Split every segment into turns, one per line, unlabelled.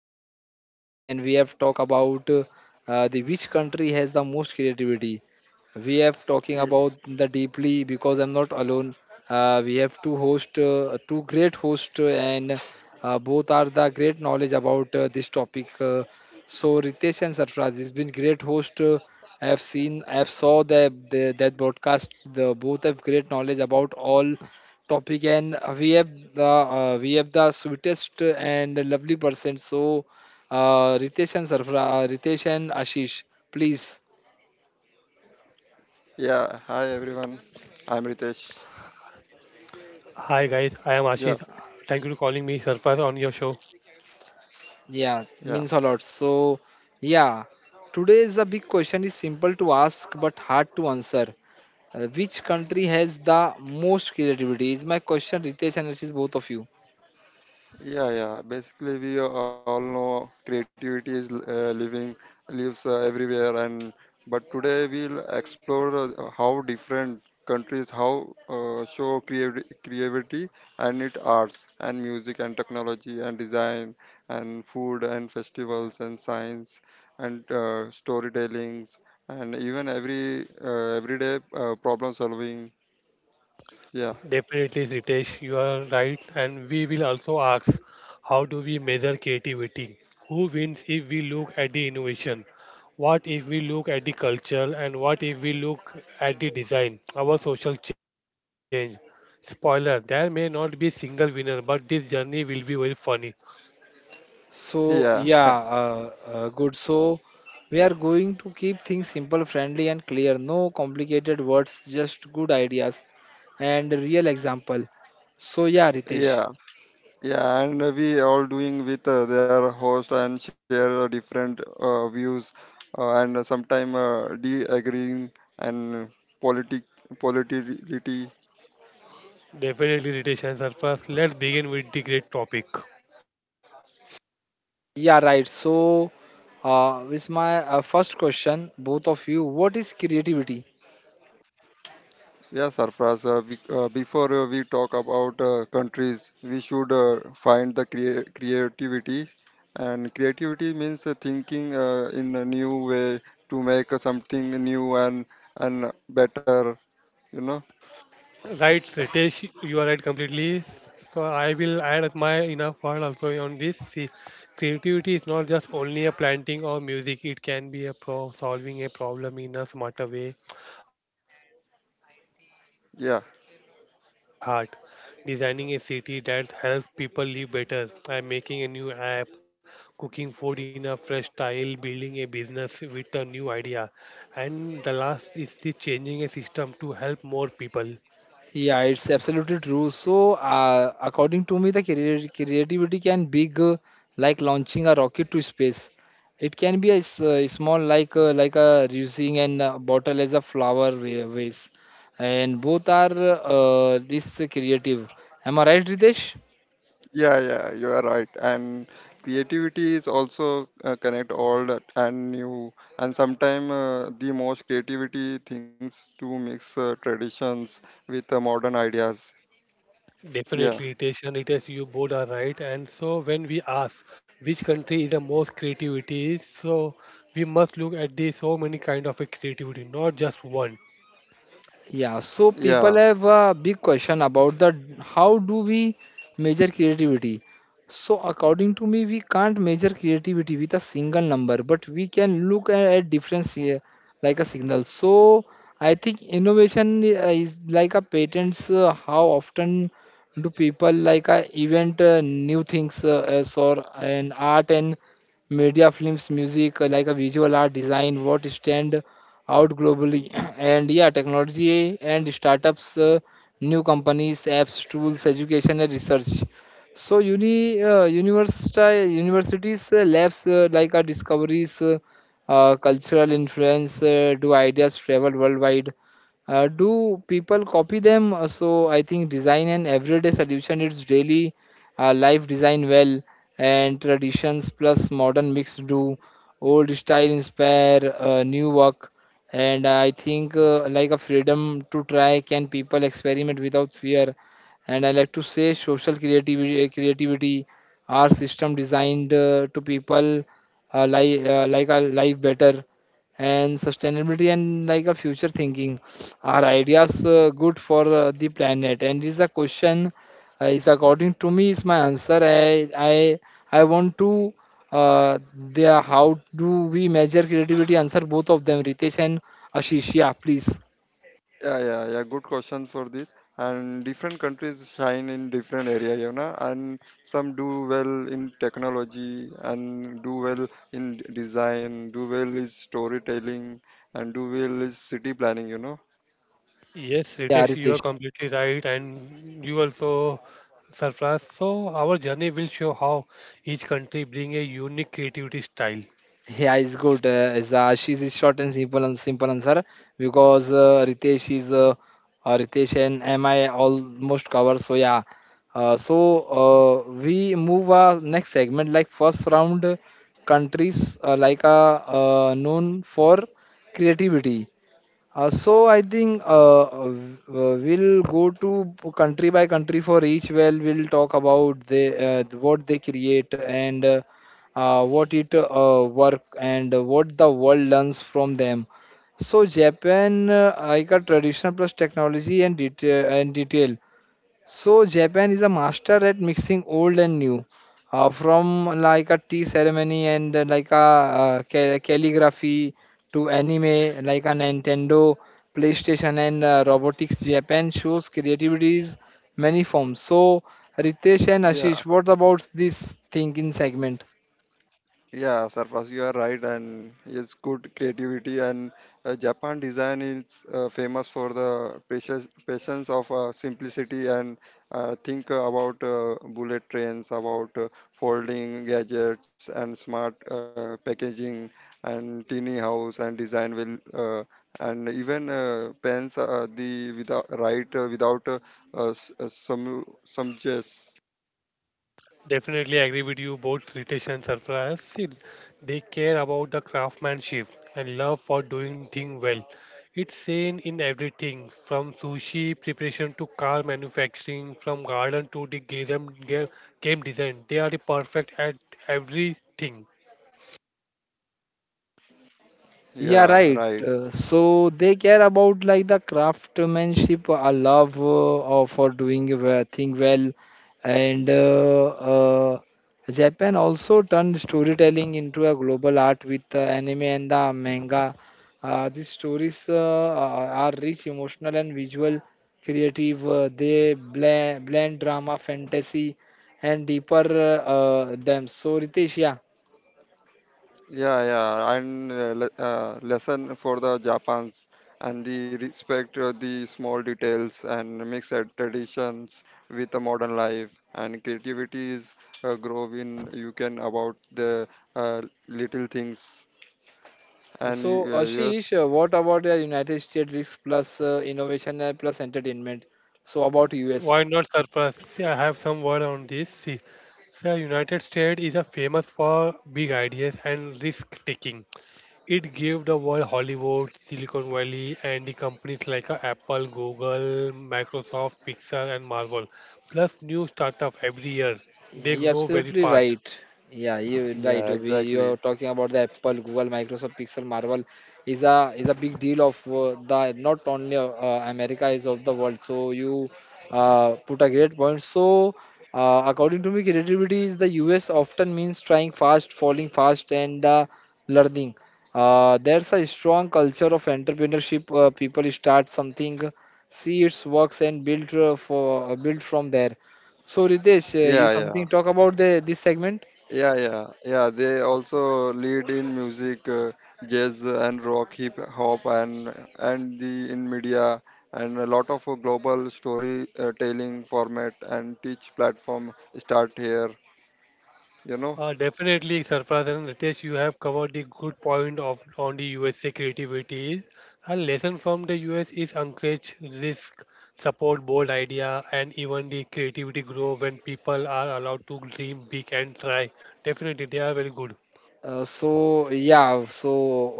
Sarfraz, and we have talked about the which country has the most creativity we have talking about
Y-
the deeply because I'm not alone we have two host two great host and both are the great knowledge about this topic so ritesh and sarfraz has been great host I have saw the that broadcast the both have great knowledge about all topic and we have the sweetest and lovely person so ritesh and sarfraz ritesh and ashish please.
Yeah, hi everyone. I'm Ritesh.
Hi guys, I am Ashish.
Yeah,
Thank you for calling me Surface on your show.
Yeah,
yeah,
means a lot. So, yeah, today's a big question is simple to ask but hard to answer. Which country has the most creativity? Is my question, Ritesh and Ashish, both of you.
yeah, yeah. Basically, we all know creativity is living, lives everywhere, and but today we'll explore how different countries how show creativity and it arts and music and technology and design and food and festivals and science and storytellings and even everyday problem solving. Yeah,
Definitely Ritesh, you are right. And we will also ask, how do we measure creativity? Who wins if we look at the innovation? What if we look at the culture, and what if we look at the design, our social change? Spoiler, there may not be single winner, but this journey will be very funny.
So,
yeah,
yeah, good. So, we are going to keep things simple, friendly, and clear. No complicated words, just good ideas and real example. So, yeah, Ritesh.
yeah, yeah. And we all doing with their host and share different views, and sometimes de-agreeing and politic politicality.
Definitely Ritesh and Surface, let's begin with the great topic.
Yeah, right. So, with my first question, both of you, what is creativity?
Yeah, Sarfraz. Before we talk about countries, we should find the creativity. And creativity means thinking in a new way to make something new and better. You know.
Right, Ritesh, you are right completely. So I will add my enough word also on this. See, creativity is not just only a planting or music. It can be a pro solving a problem in a smarter way, innovating a new product,
Yeah.
writing a story that touches heart, designing a city that helps people live better. I making a new app, cooking food in a fresh style, building a business with a new idea, and the last is the changing a system to help more people.
Yeah, it's absolutely true. So, according to me, the creativity can be like launching a rocket to space. It can be a small like a using an bottle, as a flower vase, and both are this creative. Am I right, Ritesh?
Yeah, yeah, you are right. And creativity is also connect old and new. And sometimes the most creativity things to mix traditions with modern ideas. Yeah,
Definitely, Tishan, it is you both are right. And so when we ask which country is the most creativity, so we must look at the so many kind of a creativity, not just one.
Yeah, so people
yeah.
have a big question about the how do we measure creativity? So according to me, we can't measure creativity with a single number, but we can look at difference here like a signal. So I think innovation is like a patents. How often do people like a event new things as or an art and media, films, music, like a visual art design, what stand out globally. And yeah, technology and startups, new companies, apps, tools, education, and research. So university universities labs like our discoveries, cultural influence. Do ideas travel worldwide? Do people copy them? So I think design and everyday solution. It's daily life design well and traditions plus modern mix do old style inspire new work and I think like a freedom to try can people experiment without fear. And I like to say social creativity our system designed to people like a life better and sustainability and like a future thinking are ideas good for the planet and is a question is according to me is my answer I want to uh, there how do we measure creativity answer both of them ritesh and ashish yeah please
Yes,
yeah
Ritesh, you are
ritesh.
completely right, and you also surprised. So our journey will show how each country bring a unique creativity style.
Yeah, it's good. She's is short and simple answer because Ritesh is Ritesh and MI almost cover. So yeah. Uh, so we move next segment like first round countries known for creativity so I think we'll go to country by country for each. Well, we'll talk about the what they create and what it work and what the world learns from them. So Japan, I got traditional plus technology and detail and detail. So Japan is a master at mixing old and new, from like a tea ceremony and calligraphy to anime, like a Nintendo, PlayStation, and robotics. Japan shows creativity's many forms. So Ritesh and Ashish, what about this thinking segment?
Definitely agree with you. Both Ritesh and Sarfaraz, see, they care about the craftsmanship and love for doing things well. It's seen in everything from sushi preparation to car manufacturing, from garden to the game design. They are the perfect at everything.
Yeah, right. So they care about like the craftsmanship, a love for doing a thing well, and Japan also turned storytelling into a global art with the anime and the manga. These stories are rich, emotional, and visual, creative. They blend drama, fantasy, and deeper depths. So Ritesh, yeah. So, Ashish, what about the United States risk plus innovation and plus entertainment? So, about
Why
US.
not Sarfaraz? See, I have some word on this. See, the United States is a famous for big ideas and risk taking. It gave the world Hollywood, Silicon Valley, and the companies like Apple, Google, Microsoft, Pixar, and Marvel. Plus, new startup every year.
Yeah,
They
you're
grow very
absolutely
fast.
right. Yeah, you're right. We, you're talking about the Apple, Google, Microsoft, Pixel, Marvel is a big deal of the not only America is of the world. So you put a great point. So according to me, creativity is the US often means trying fast, falling fast, and learning. There's a strong culture of entrepreneurship. People start something, see its works, and build for build from there so Ritesh, you something talk about the this segment?
Definitely, Sarfraz and Ritesh, you have covered the good point of on the USA creativity. A lesson from the US is encourage risk, support bold idea, and even the creativity grow when people are allowed to dream big and try. Definitely, they are very good.
Uh, so yeah, so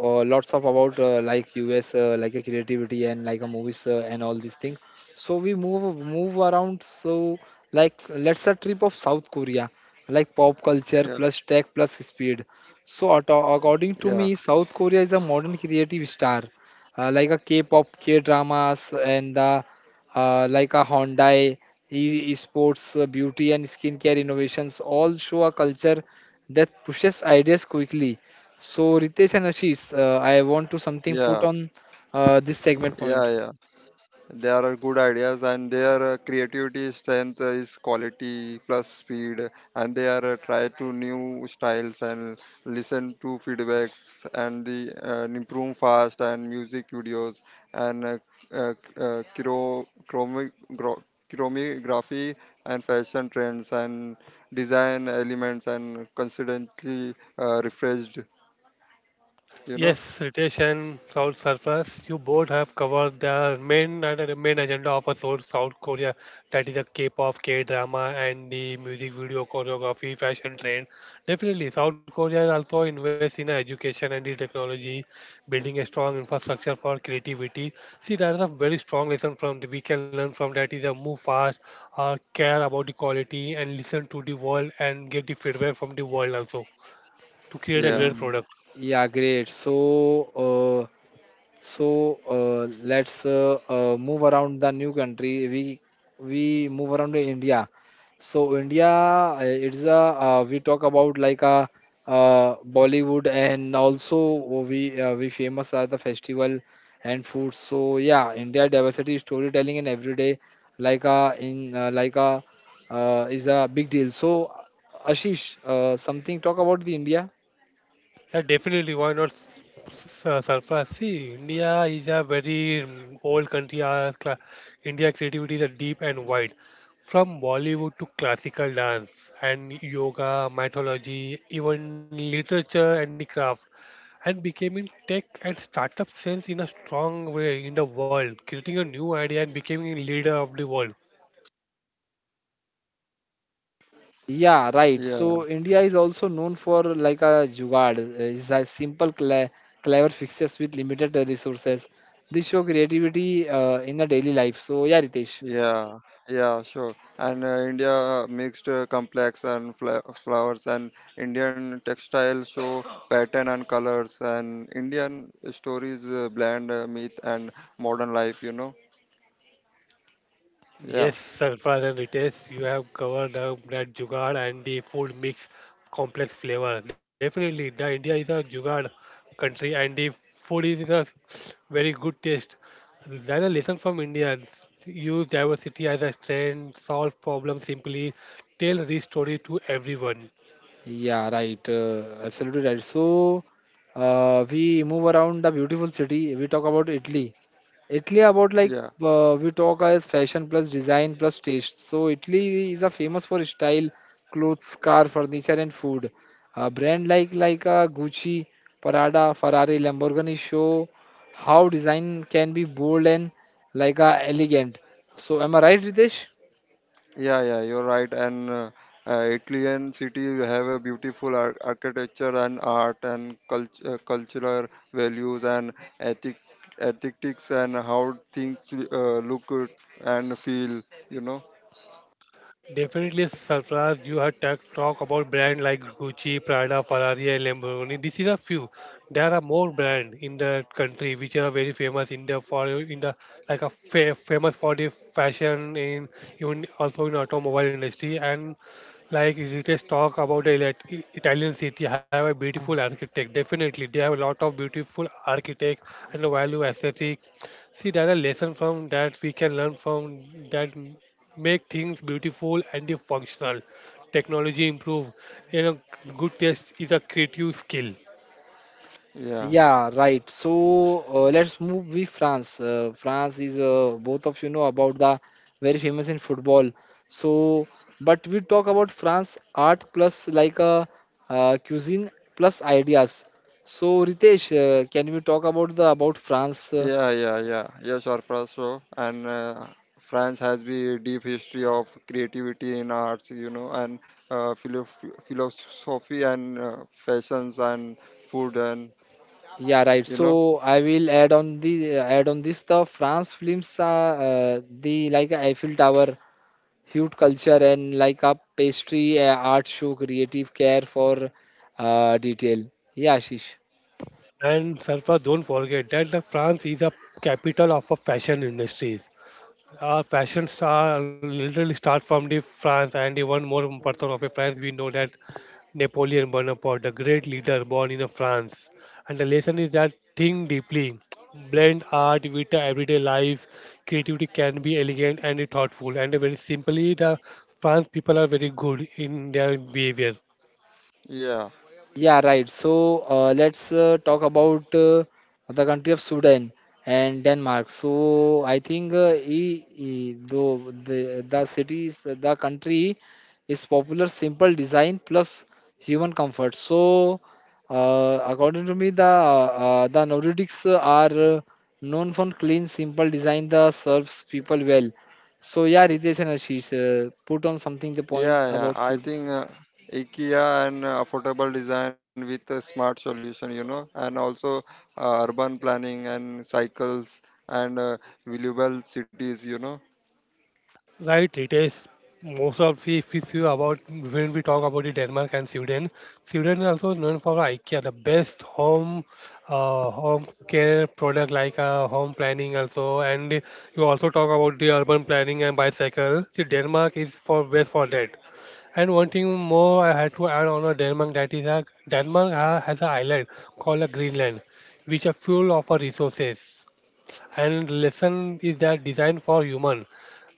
uh, Lots of about like US, like a creativity and like a movies and all these things. So we move around. So like let's a trip of South Korea, like pop culture plus tech plus speed. So according to me, South Korea is a modern creative star, like a K-pop, K-dramas, and the like a Hyundai, e- sports, beauty and skincare innovations all show a culture that pushes ideas quickly. So Ritesh and Ashish, I want to something put on this segment point.
Yes, Ritesh South Surface, you both have covered the main and the main agenda of a South Korea, that is the K-pop, K-drama, and the music video choreography, fashion trend. Definitely, South Korea also invests in education and the technology, building a strong infrastructure for creativity. See, that is a very strong lesson from the, we can learn from that is a move fast, care about the quality, and listen to the world and get the feedback from the world also to create a great
Ye-
product.
Yeah, great. So let's move around the new country. We move around to India. So India, it's a we talk about like a Bollywood and also we famous are the festival and food. So yeah, India diversity storytelling and everyday like a in like a is a big deal. So Ashish, something talk about the India.
Yeah, definitely. Why not surprise? See, India is a very old country. India creativity is deep and wide, from Bollywood to classical dance and yoga, mythology, even literature and craft, and becoming tech and startup sense in a strong way in the world, creating a new idea and becoming a leader of the world.
Yeah, right. So India is also known for like a jugaad, is a simple, clever fixes with limited resources. This show creativity in the daily life. So yeah, Ritesh.
Yes, Sarfraz and Ritesh, you have covered up that jugaad and the food mix complex flavor. Definitely, the India is a jugaad country and the food is a very good taste. There are lessons from India. Use diversity as a strength, solve problems simply, tell rich story to everyone.
Yeah, right. Absolutely right. So we move around the beautiful city. We talk about Italy. Italy about like we talk as fashion plus design plus taste. So Italy is a famous for style, clothes, car, furniture, and food. A brand like Gucci, Prada, Ferrari, Lamborghini show how design can be bold and elegant. So am I right, Ritesh?
Definitely, Sarfraz, you had talk about brand like Gucci, Prada, Ferrari, and Lamborghini. This is a few. There are more brand in the country which are very famous in the for in the like a famous for the fashion in even also in automobile industry and like it is talk about the Italian city have a beautiful architect. Definitely, they have a lot of beautiful architect and a value aesthetic. See, there are lessons from that we can learn from that make things beautiful and the functional. Technology improve. You know, good taste is a creative skill.
Yeah, right. So let's move with France. France is both of you know about the very famous in football. So, but we talk about France art plus like a cuisine plus ideas. So Ritesh, can we talk about the about France? Yeah, right. So I will add on this the France films are the like Eiffel Tower huge culture and like a pastry art show creative care for detail. Yeah, Ashish.
And Sarfa, don't forget that the France is a capital of a fashion industries. Our fashion star literally start from the France and the one more person of a France. We know that Napoleon Bonaparte, the great leader born in France. And the lesson is that think deeply, blend art with the everyday life. Creativity can be elegant and thoughtful. And very simply, the France people are very good in their behavior.
Yeah, right. So let's talk about the country of Sweden and Denmark. So I think e, e, though the cities, the country is popular, simple design plus human comfort. So according to me, the Nordics are known for clean, simple design that serves people well. So yeah, Ritesh and Ashish, put on something the point about Sweden.
Right, it is most of the if you see about when we talk about the Denmark and Sweden, Sweden is also known for IKEA, the best home home care product like home planning also, and you also talk about the urban planning and bicycle. See, Denmark is for best for that. And one thing more I had to add on a Denmark that is a Denmark has an island called a Greenland, which are full of resources. And lesson is that designed for human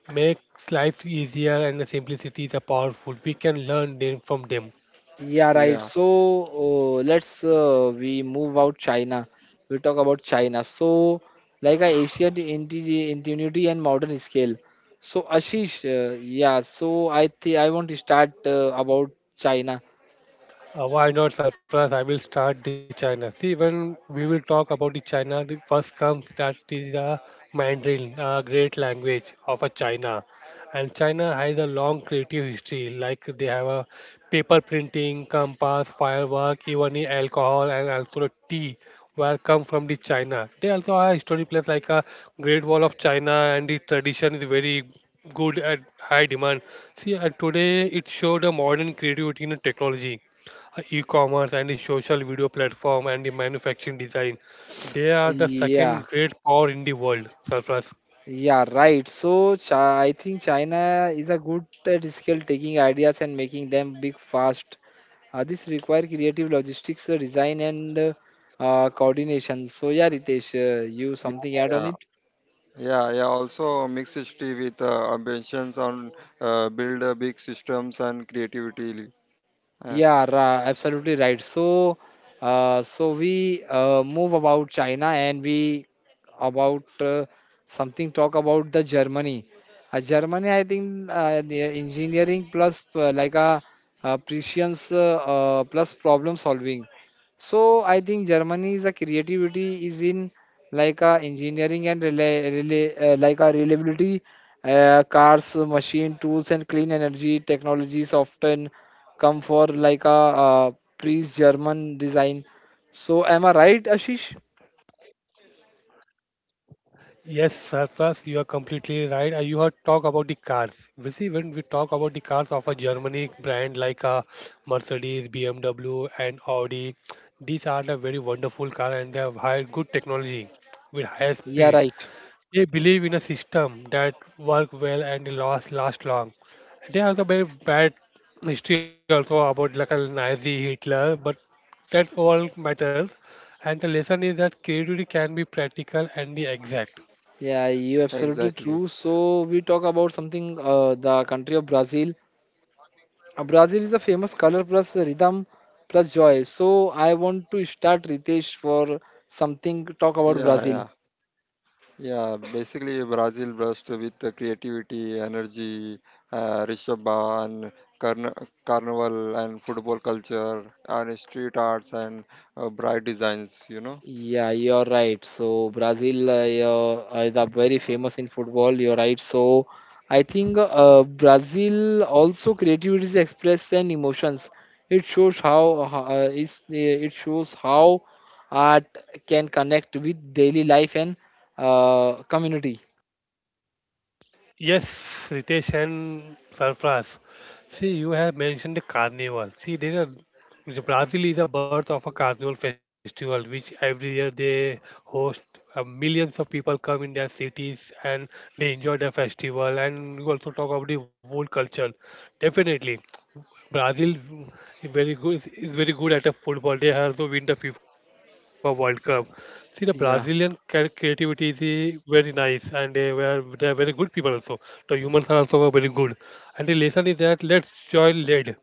makes life easier and the simplicity is a powerful. We can learn them from them.
Yeah, right. So let's we move out China. We talk about China. So like a Asian ingenuity and modern scale. So Ashish, yeah. So I think I want to start about China.
Why not surprise? I will start the China. See, when we will talk about the China, the first comes that is the Mandarin, a great language of a China. And China has a long creative history, like they have a paper printing, compass, firework, even the alcohol and also the tea were come from the China. They also have historic place like a Great Wall of China and the tradition is very good at high demand. See, and today it showed a modern creativity in technology e-commerce and the social video platform and the manufacturing design. They are the second
Yeah,
great power in the world, Surplus.
yeah, right. So Chi I think China is a good at scale taking ideas and making them big fast. This require creative logistics, design, and coordination. So yeah, Ritesh, you something add on it? Yeah, absolutely right. So, so we move about China and we about something talk about the Germany. Germany, I think the engineering plus like a prescience plus problem solving. So I think Germany's creativity is in like a engineering and rela rela like a reliability, cars, machine tools, and clean energy technologies often come for like a uh, priest German design. So am I right, Ashish?
Yes, Surplus, you are completely right. And you have talked about the cars. We see when we talk about the cars of a Germany brand like Mercedes, BMW, and Audi, these are the very wonderful car and they have high good technology with higher
Yeah,
speed.
right.
They believe in a system that work well and last long. They have a very bad history also about like a Nazi Hitler, but that all matters. And the lesson is that creativity can be practical and the exact.
Yeah, you absolutely true. So we talk about something the country of Brazil. Brazil is a famous color plus rhythm plus joy. So I want to start Ritesh for something talk about Brazil. Yeah, you're right. So Brazil yeah, is a very famous in football. You're right. So I think Brazil also creativity is expressed and emotions. It shows how, is it shows how art can connect with daily life and community.
Yes, Ritesh and Sarfraz. See, you have mentioned the carnival. See, there are the Brazil is the birth of a carnival festival, which every year they host. Millions of people come in their cities and they enjoy the festival. And you also talk about the wool culture. Definitely, Brazil is very good at a football. They also win the FIFA World Cup. See the Brazilian
Yeah,
creativity is very nice, and they are very good people also. The humans are also very good, and the lesson is that let's join lead,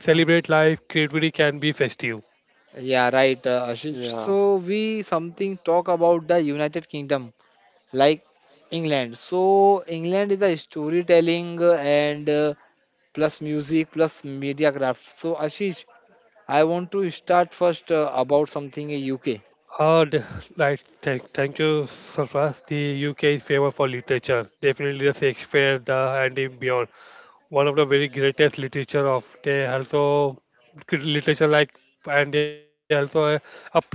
celebrate life. Creativity can be festive.
yeah, right, Ashish. So we something talk about the United Kingdom, like England. So England is a storytelling and plus music plus media craft. So Ashish, I want to start first about something in UK.
Uh, the- like thank you, Sarfraz. The UK is famous for literature. Definitely the Shakespeare, the and the beyond. One of the very greatest literature of they also literature like and they also a play like a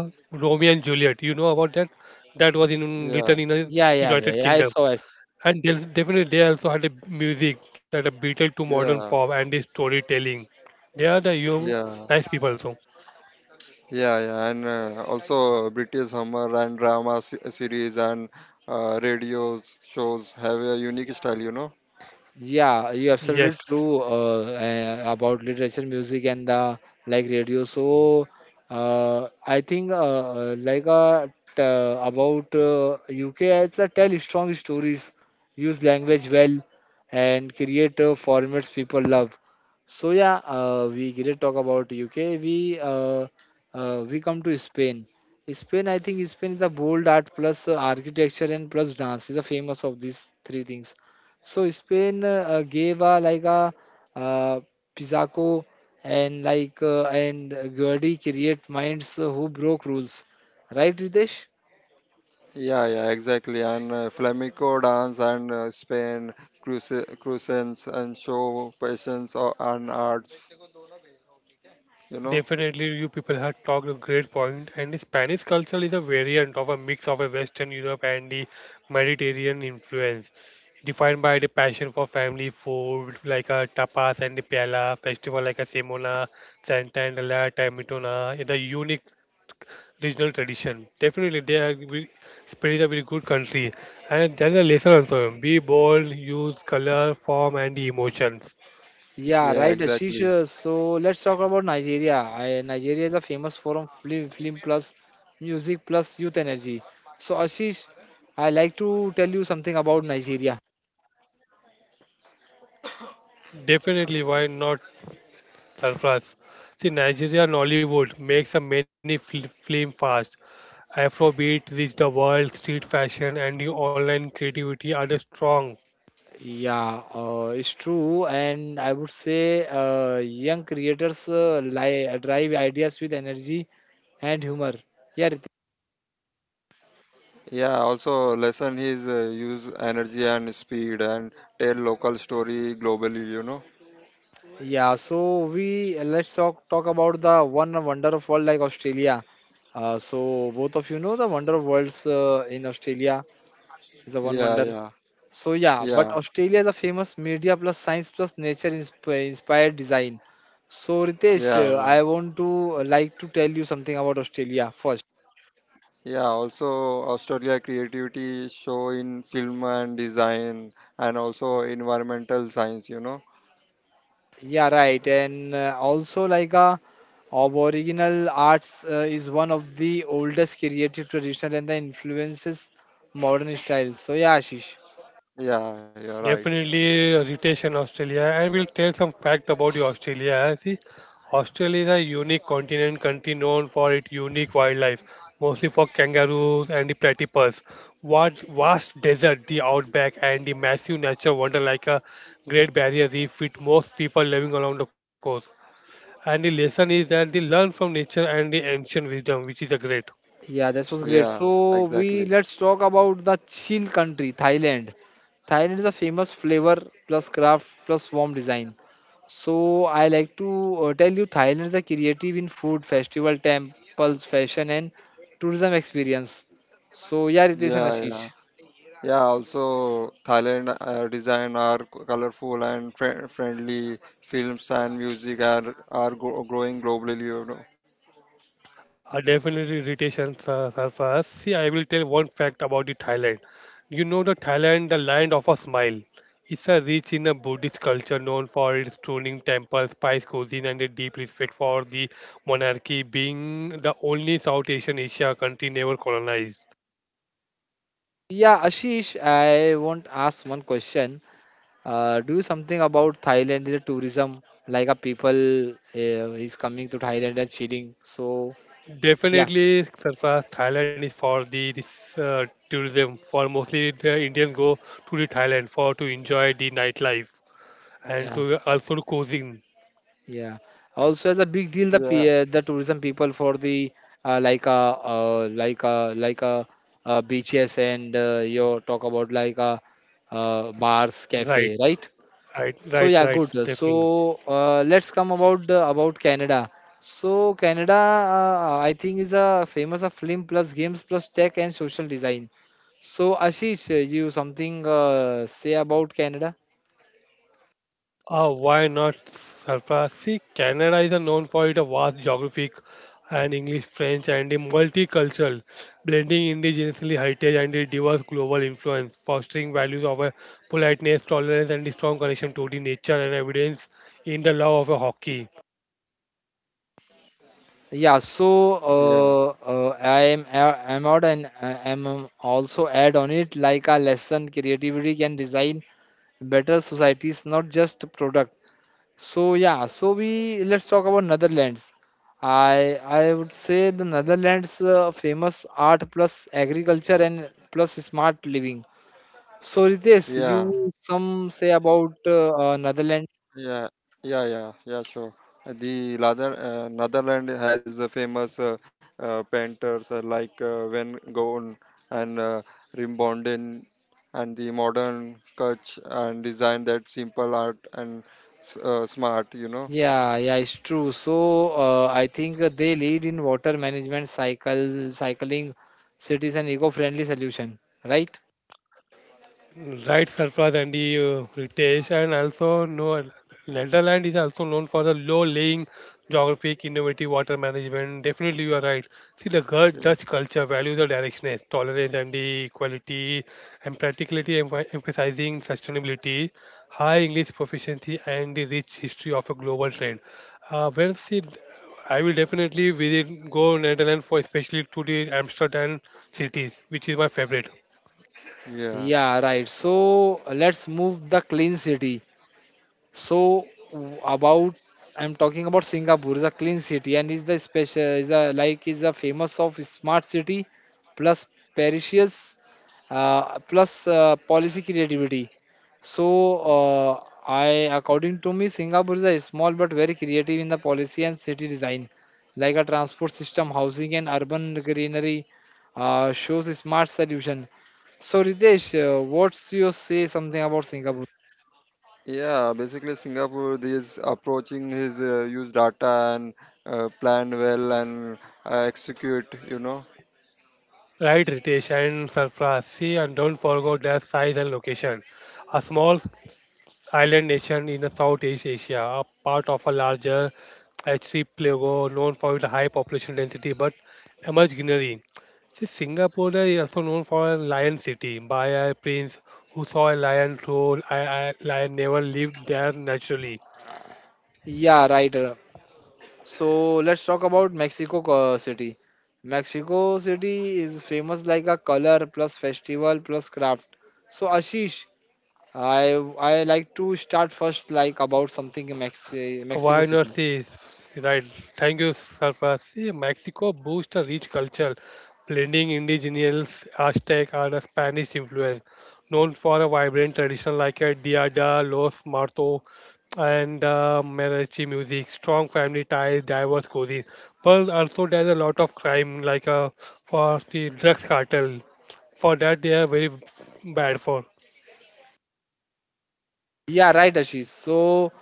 Romeo and Juliet. You know about that? That was in written in a
Yeah, yeah,
United
yeah, yeah,
Kingdom.
I saw, I
And there's definitely they also had a music like a Beatles to modern pop and the storytelling. They are the you nice people also.
yeah, you're absolutely
Yes.
true about literature, music, and the like radio. So, I think about UK, it's a tell strong stories, use language well, and create formats people love. So yeah, we didn't talk about UK. We uh, we come to Spain. Spain, I think Spain is a bold art plus architecture and plus dance is a famous of these three things. So Spain gave a like a uh, Pizarro and and Guerdi create minds who broke rules, right, Ritesh?
Definitely, you people have talked a great point, and the Spanish culture is a variant of a mix of a Western Europe and the Mediterranean influence, defined by the passion for family food like a tapas and the paella, festival like a Semona, Santa and La Tamitona, the unique regional tradition. Definitely, they are very, Spain is a very good country, and there is a lesson also: be bold, use color, form, and the emotions.
Yeah, right, Ashish. So let's talk about Nigeria. Nigeria is a famous forum film plus music plus youth energy. So Ashish, I like to tell you something about Nigeria.
Definitely, why not Surplus. See, Nigeria Nollywood makes a many film fast. Afrobeat reached the world, street fashion and the online creativity are the strong.
Yeah, it's true, and I would say young creators li drive ideas with energy and humor. Yeah, Ritik. Yeah. So we let's talk about the one wonder of world like Australia. So both of you know the wonder of worlds in Australia is a one wonder. So yeah, but Australia is a famous media plus science plus nature inspired design. So Ritesh, I want to like to tell you something about Australia first. Yeah, right. And also, Aboriginal arts is one of the oldest creative tradition and the influences modern styles. So, yeah, Ashish.
Definitely rotation Australia and we'll tell some fact about the Australia. See, Australia is a unique continent country known for its unique wildlife, mostly for kangaroos and the platypus. What vast desert, the outback and the massive nature wonder like a Great Barrier Reef with most people living along the coast. And the lesson is that they learn from nature and the ancient wisdom, which is a great.
Yeah, this was great. So, we let's talk about the chill country, Thailand. Thailand is a famous flavor plus craft plus warm design. So, I like to tell you, Thailand is a creative in food, festival, temples, fashion, and tourism experience. So, yeah, Ritesh and Ashish.
Definitely irritation surface. See, I will tell one fact about the Thailand. You know the Thailand, the land of a smile. It's a rich in a Buddhist culture known for its stunning temples, spice cuisine, and a deep respect for the monarchy, being the only South Asian Asia country never colonized.
Yeah, Ashish, I want ask one question. Do you something about Thailand the tourism? Like a people is coming to Thailand and chilling. So yeah,
Definitely, surpass Thailand is for the this, tourism. For mostly the Indians go to the Thailand for to enjoy the nightlife and
yeah,
to also the cuisine.
yeah. Also, as a big deal, the tourism people for the like a like a like a beaches and you talk about like a bars,
Right,
cafe, right?
right,
So
right,
yeah,
right.
good.
Definitely.
So let's come about Canada. So Canada, I think, is a famous of film plus games plus tech and social design. So Ashish, you something say about Canada?
Why not surpass? See, Canada is known for its vast geographic and English, French, and the multicultural, blending indigenous heritage and the diverse global influence, fostering values of a politeness, tolerance, and the strong connection to the nature and evidence in the love of a hockey.
Yeah. So I am out and I am also add on it like a lesson creativity can design better societies, not just product. So yeah, so we let's talk about Netherlands. I would say the Netherlands famous art plus agriculture and plus smart living. So Ritesh, you some say about Netherlands? Yeah, yeah, it's true. So I think they lead in water management, cycling, cities, and eco-friendly solution. Right?
Right, Sarfraz and the Ritesh, and also no, Netherlands is also known for the low-lying geographic, innovative water management. Definitely, you are right. See, the Dutch culture values the directness, tolerance, and the equality, and practically emphasizing sustainability, high English proficiency, and the rich history of a global trade. Well, see, I will definitely visit go Netherlands for especially to the Amsterdam cities, which is my favorite.
Yeah, right. So let's move the clean city. So about I'm talking about Singapore is a clean city and is the special is a like is a famous of smart city plus parishes plus policy creativity. So uh, I according to me Singapore is a small but very creative in the policy and city design like a transport system, housing and urban greenery shows a smart solution. So Ritesh, what's your say something about Singapore?
Right, Ritesh and Sarfraz. See, and don't forget their size and location. A small island nation in the Southeast Asia, a part of a larger archipelago known for its high population density but emerged greenery. See, Singapore is also known for a lion city by a prince who saw a lion rule. A lion never lived there naturally.
Yeah, right. So let's talk about City. Mexico City is famous like a color plus festival plus craft. So Ashish, I like to start first like about something in Mexico
Why not
City.
see? Right. Thank you, Sarfraz. See, Mexico boasts a rich culture, blending indigenous Aztec and a Spanish influence, known for a vibrant tradition like a Dia de los Muertos and mariachi music, strong family ties, diverse cuisine. But also there's a lot of crime, like for the drugs cartel. For that, they are very bad for.
Yeah, right, Ashish. So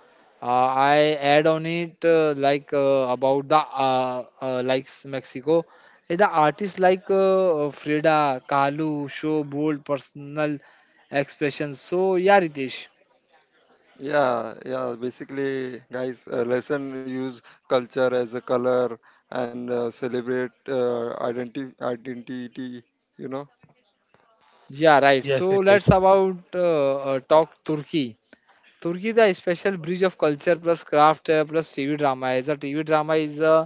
I add on it about the likes Mexico. Eh, the artists like Frida, Kahlo show bold personal expressions. So yeah, Ritesh. Yeah, right.
Yes,
So
it is.
let's about talk Turkey. Turkey, the special bridge of culture plus craft plus TV drama. As a TV drama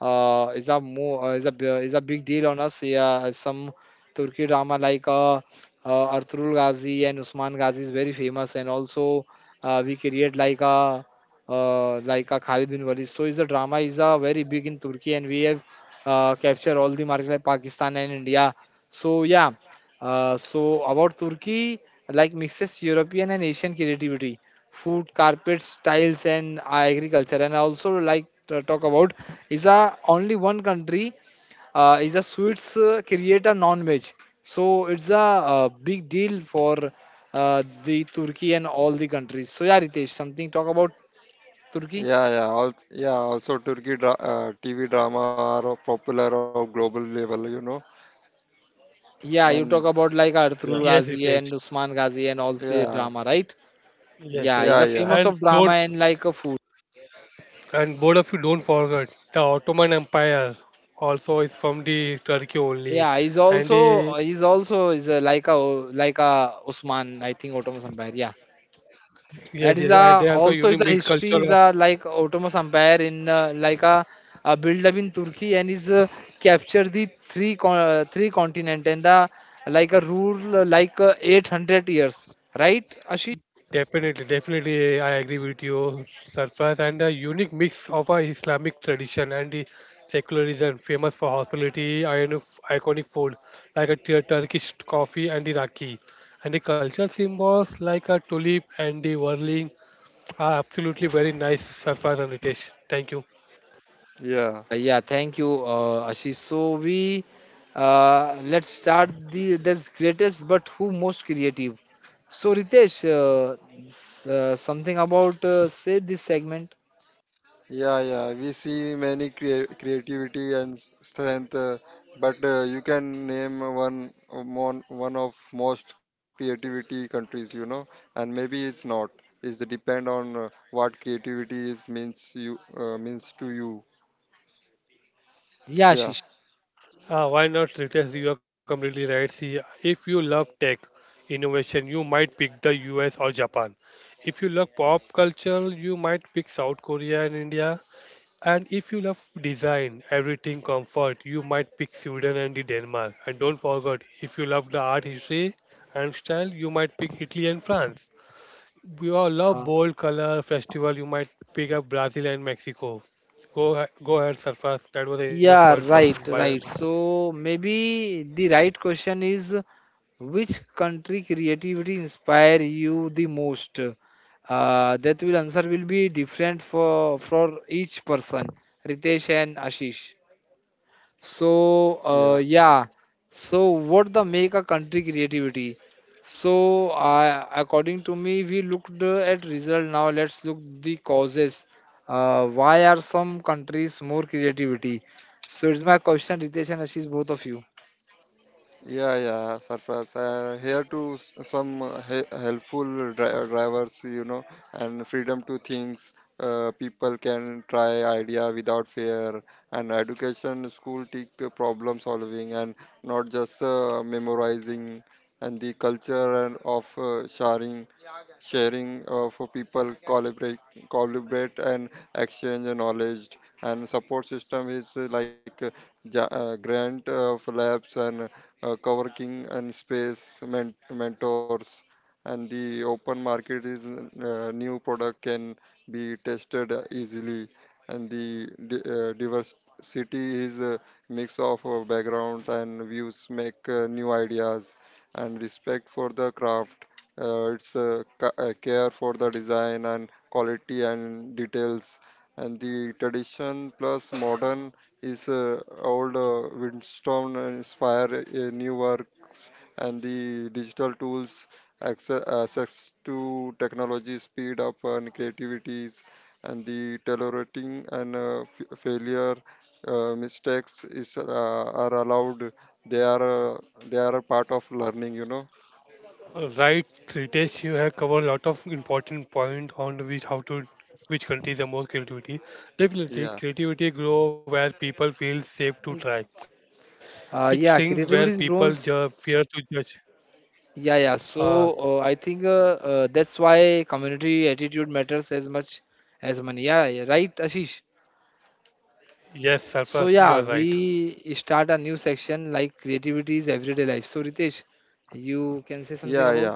is a mo is a bi- is a big deal on us. Yeah, some Turkey drama like Ertuğrul Gazi and Usman Gazi is very famous, and also we create like a Khalid bin Walid. So, is a drama is a very big in Turkey, and we have captured all the market like Pakistan and India. So, yeah. So about Turkey, like mixes European and Asian creativity. Food, carpets, tiles, and agriculture. And I also like to talk about is a only one country is a sweets create a non-veg. So it's a, big deal for the Turkey and all the countries. So yeah, Ritesh, something talk about Turkey. Yeah, you talk about like Arthur
Yes, it
Ghazi
is.
and Usman Ghazi and all the drama, right?
Yes,
Yeah,
yes.
he's a
And
famous of
don't
drama and like a food.
And both of you don't forget the Ottoman Empire also is from the Turkey only,
Yeah,
and they
he's also is a, like a Usman, I think Ottoman Empire. Yeah.
yes, yes, and
That
they
is
also
a
unique mixed
also is the
culture of,
history is a like Ottoman Empire in build up in Turkey and is captured three continent and the like a rule 800 years, right, Ashish.
definitely, definitely, I agree with you Surprise, and a unique mix of a Islamic tradition and the secularism, famous for hospitality and iconic food like a Turkish coffee and the raki and the cultural symbols like a tulip and the whirling are absolutely very nice Surprise and Ritesh. Thank you.
Yeah, thank you Ashish. So we let's start the this greatest but who most creative. So Ritesh, something about say this segment. Yeah, Ashish.
Why not, Ritesh? You are completely right. See, if you love tech innovation, you might pick the US or Japan. If you love pop culture, you might pick South Korea and India. And if you love design, everything comfort, you might pick Sweden and the Denmark. And don't forget, if you love the art history and style, you might pick Italy and France. If you all love bold color festival, you might pick up Brazil and Mexico. Go, go ahead, Surface. That was enough point
Yeah,
for
right,
by me.
right. So maybe the right question is which country creativity inspire you the most? That will answer will be different for each person, Ritesh and Ashish. So yeah. So what the make a country creativity? So I according to me, we looked at result. Now let's look the causes. Why are some countries more creativity? So it's my question, Ritesh and Ashish, both of you.
Right, Ritesh, you have covered a lot of important point on which how to which countries are more creativity. Definitely, creativity grow where people feel safe to try. It stings where
Yeah,
people
creativity is grown.
fear to judge.
Yeah,
Uh,
yeah. So I think that's why community attitude matters as much as money. Yeah, yeah, right, Ashish.
yes, Sarfraz,
So
you are
yeah,
right.
we start a new section like creativity is everyday life. So Ritesh, you can say something about?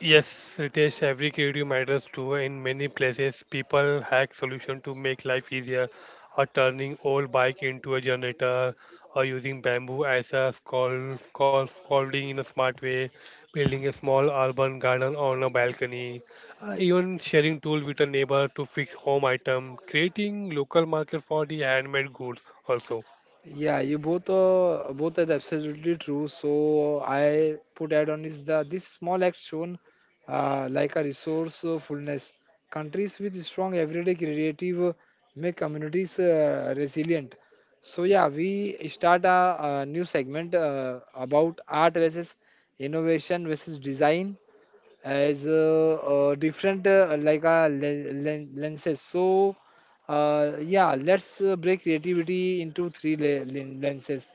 Yes, Ritesh, every creative matters too. In many places, people hack solution to make life easier, or turning old bike into a generator, or using bamboo as a scalding in a smart way, building a small urban garden on a balcony, even sharing tool with a neighbor to fix home item, creating local market for the handmade goods also.
Yeah, you both both are absolutely true. So I put add on is the this small act shown like a resource fullness. Countries with strong everyday creative make communities resilient. So yeah, we start a new segment about art versus innovation versus design as different lenses. So yeah, let's break creativity into three lenses.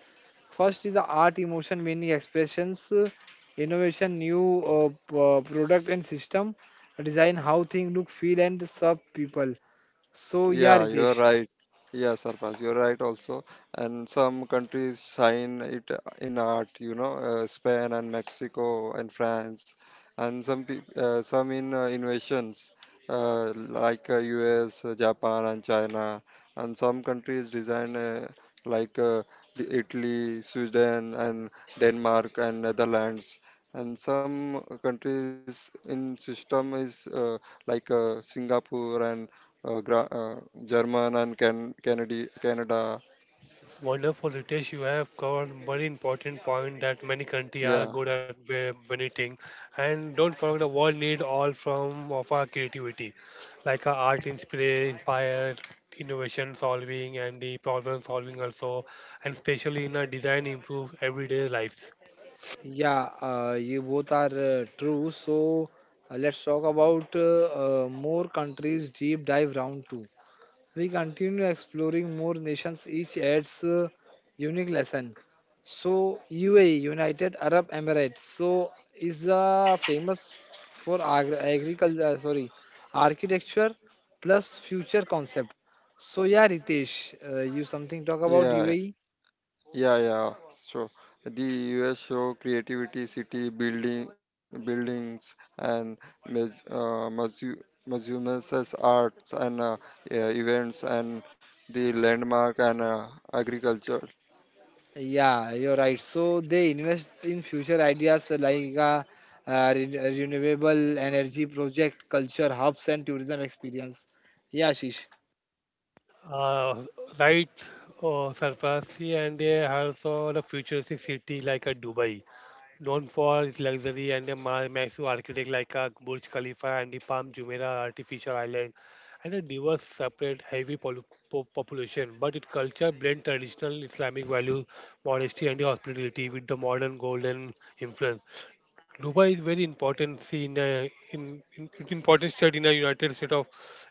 First is the art, emotion, meaning, expressions, innovation, new product and system design, how things look, feel, and serve people. So yeah, Ritesh.
Wonderful, Ritesh. You have covered very important point that many countries are good at donating, and don't forget the world need all from of our creativity, like our art inspire innovation solving, and the problem solving also, and especially in our design improve everyday lives.
Yeah, you both are true. So let's talk about more countries deep dive round two. We continue exploring more nations, each adds a unique lesson. So, UAE, United Arab Emirates, so is famous for architecture plus future concept. So, yeah, Ritesh, you something talk about UAE? Yeah, you're right. So they invest in future ideas like renewable energy project, culture hubs, and tourism experience. Yeah, Shish.
Uh, right, surface, and they also the futuristic city like a Dubai, known for its luxury and the massive architect like Burj Khalifa and the Palm Jumeirah artificial island, and a diverse, separate, heavy population. But its culture blends traditional Islamic values, modesty, and the hospitality with the modern golden influence. Dubai is very important see in the in important state in the United States of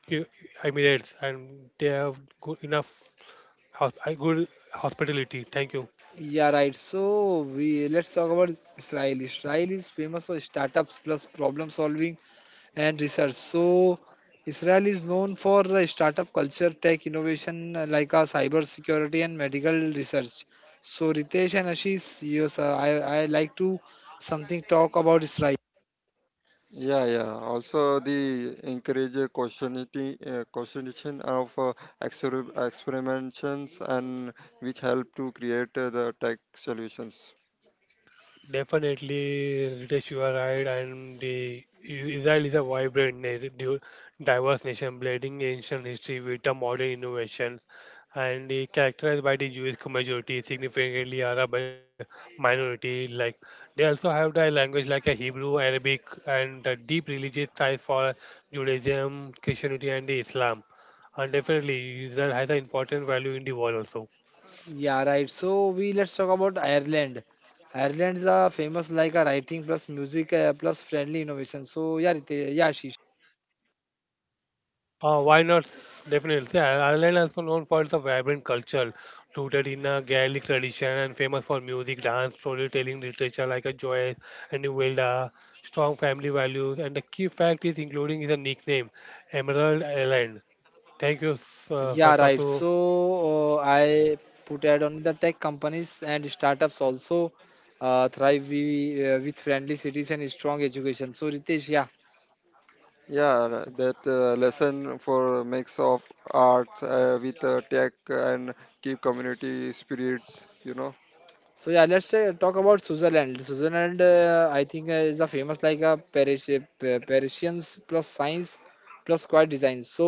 U- Emirates, and they have good enough good hospitality. Thank you.
Yeah, right. So we let's talk about Israel. Israel is famous for startups plus problem solving and research. So Israel is known for the startup culture, tech innovation cyber security and medical research. So Ritesh and Ashish, yes, I like to something talk about Israel.
Definitely, Ritesh, you are right. And the Israel is a vibrant, diverse nation, blending ancient history with the modern innovations, and they characterized by the Jewish majority, significantly Arab minority. Like they also have the language like a Hebrew, Arabic, and the deep religious ties for Judaism, Christianity, and the Islam. And definitely, Israel has an important value in the world also.
Yeah, right. So we let's talk about Ireland. Ireland is famous like a writing plus music plus friendly innovation. So yeah, Ritesh, yeah, Ashish.
Why not? Definitely. See, Ireland also known for its vibrant culture, rooted in a Gaelic tradition and famous for music, dance, storytelling, literature like a Joyce and Uwilda, strong family values, and the key fact is including is a nickname, Emerald Island. Thank you,
Yeah,
Surface,
right.
to
So I put ad on the tech companies and startups also thrive with friendly cities and strong education. So Ritesh, yeah. So yeah, let's talk about Switzerland. Switzerland, I think, is a famous like a Parisians plus science plus quiet design. So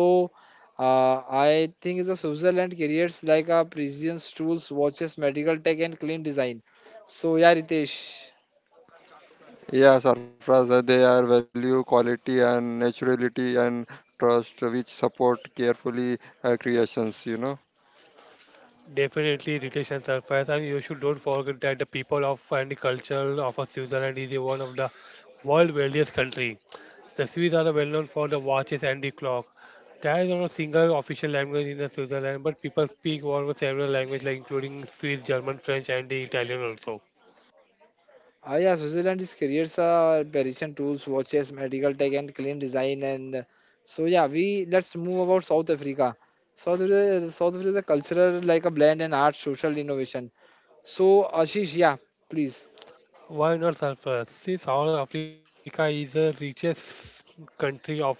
I think the Switzerland careers like a precision tools, watches, medical tech, and clean design. So yeah, Ritesh.
definitely retention Surface, and you should don't forget that the people of and the culture of Switzerland is one of the world wealthiest country. The Swiss are well known for the watches and the clock. There is no single official language in the Switzerland, but people speak almost several languages, like including Swiss, German, French, and the Italian also.
Ah, yeah, Switzerland is careers are precision tools, watches, medical tech, and clean design. And so, yeah, we let's move about South Africa. South Africa is a cultural like a blend and art, social innovation. So, Ashish, yeah, please,
Why not sulfur? See, South Africa is the richest country of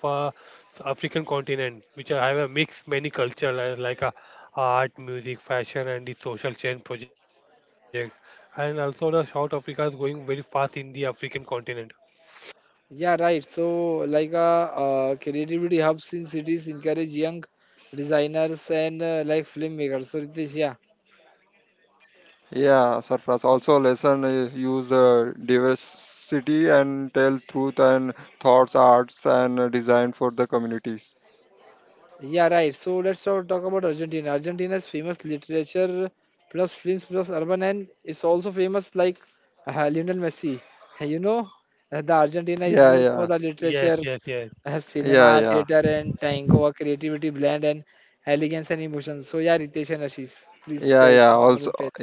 African continent, which I have a mix many cultures like art, music, fashion, and the social change project. And also, the South Africa is going very fast in the African continent.
yeah, right. So, like a creativity hubs in cities encourage young designers and like filmmakers. So, Ritesh, yeah. Yeah, right. So let's all talk about Argentina. Argentina's famous literature plus films plus urban and it's also famous like Lionel Messi. You know, the Argentina is known for the literature,
Yes, yes, yes.
cinema, theater, and tango, a creativity blend and elegance and emotion. So yeah, Ritesh and Ashish, please tell something about it.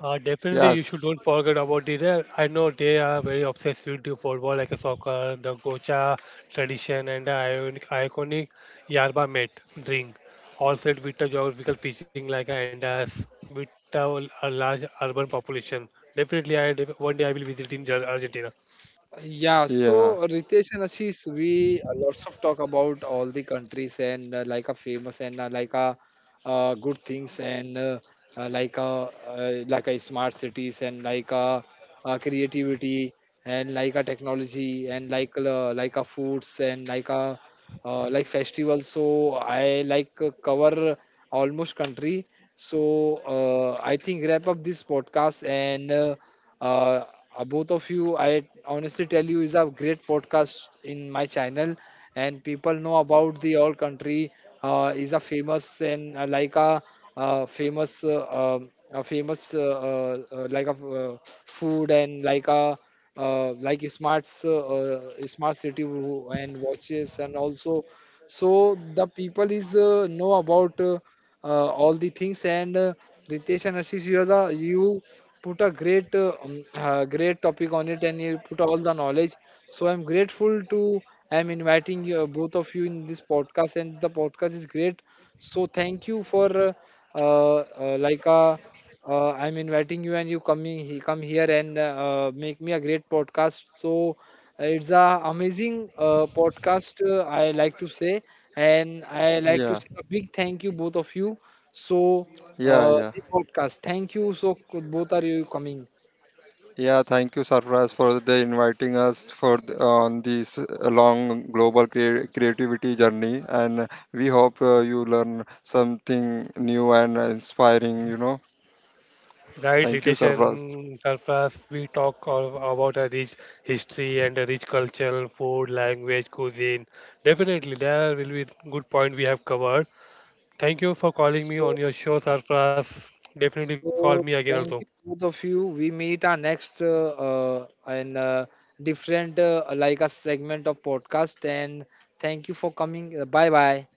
Definitely, you should don't forget about it. I know they are very obsessed with the football, like a soccer, the gocha tradition, and the iconic yerba mate drink, all set with the geographical fishing like a Andes, with a large urban population. Definitely, one day I will visit in Argentina.
Yeah, so Ritesh and Ashish, we lots of talk about all the countries and like a famous and like a good things and like a smart cities and creativity and like a technology and like a foods and like festivals. So I like cover almost country. So I think wrap up this podcast and. Uh, Both of you, I honestly tell you, is a great podcast in my channel, and people know about the all country is a famous and like a famous, a famous like a food and like a like smarts smart city and watches and also so the people is know about all the things and Ritesh and Ashish, you are the you put a great great topic on it and you put all the knowledge. So I'm grateful to I'm inviting you, both of you in this podcast and the podcast is great. So thank you for uh, uh, like uh, I'm inviting you and you coming he come here and make me a great podcast. So it's a amazing podcast. I like to say and I like to say a big thank you both of you. So the podcast. Thank you. So both are you coming?
Right, Ritesh surface. We talk all about a rich history and a rich culture, food, language, cuisine. Definitely, there will be good point we have covered. Thank you for calling me
So
on your show, Sarfraz. Definitely call me
so
again also.
thank you both of you. We meet our next and different like a segment of podcast. And thank you for coming. Bye bye.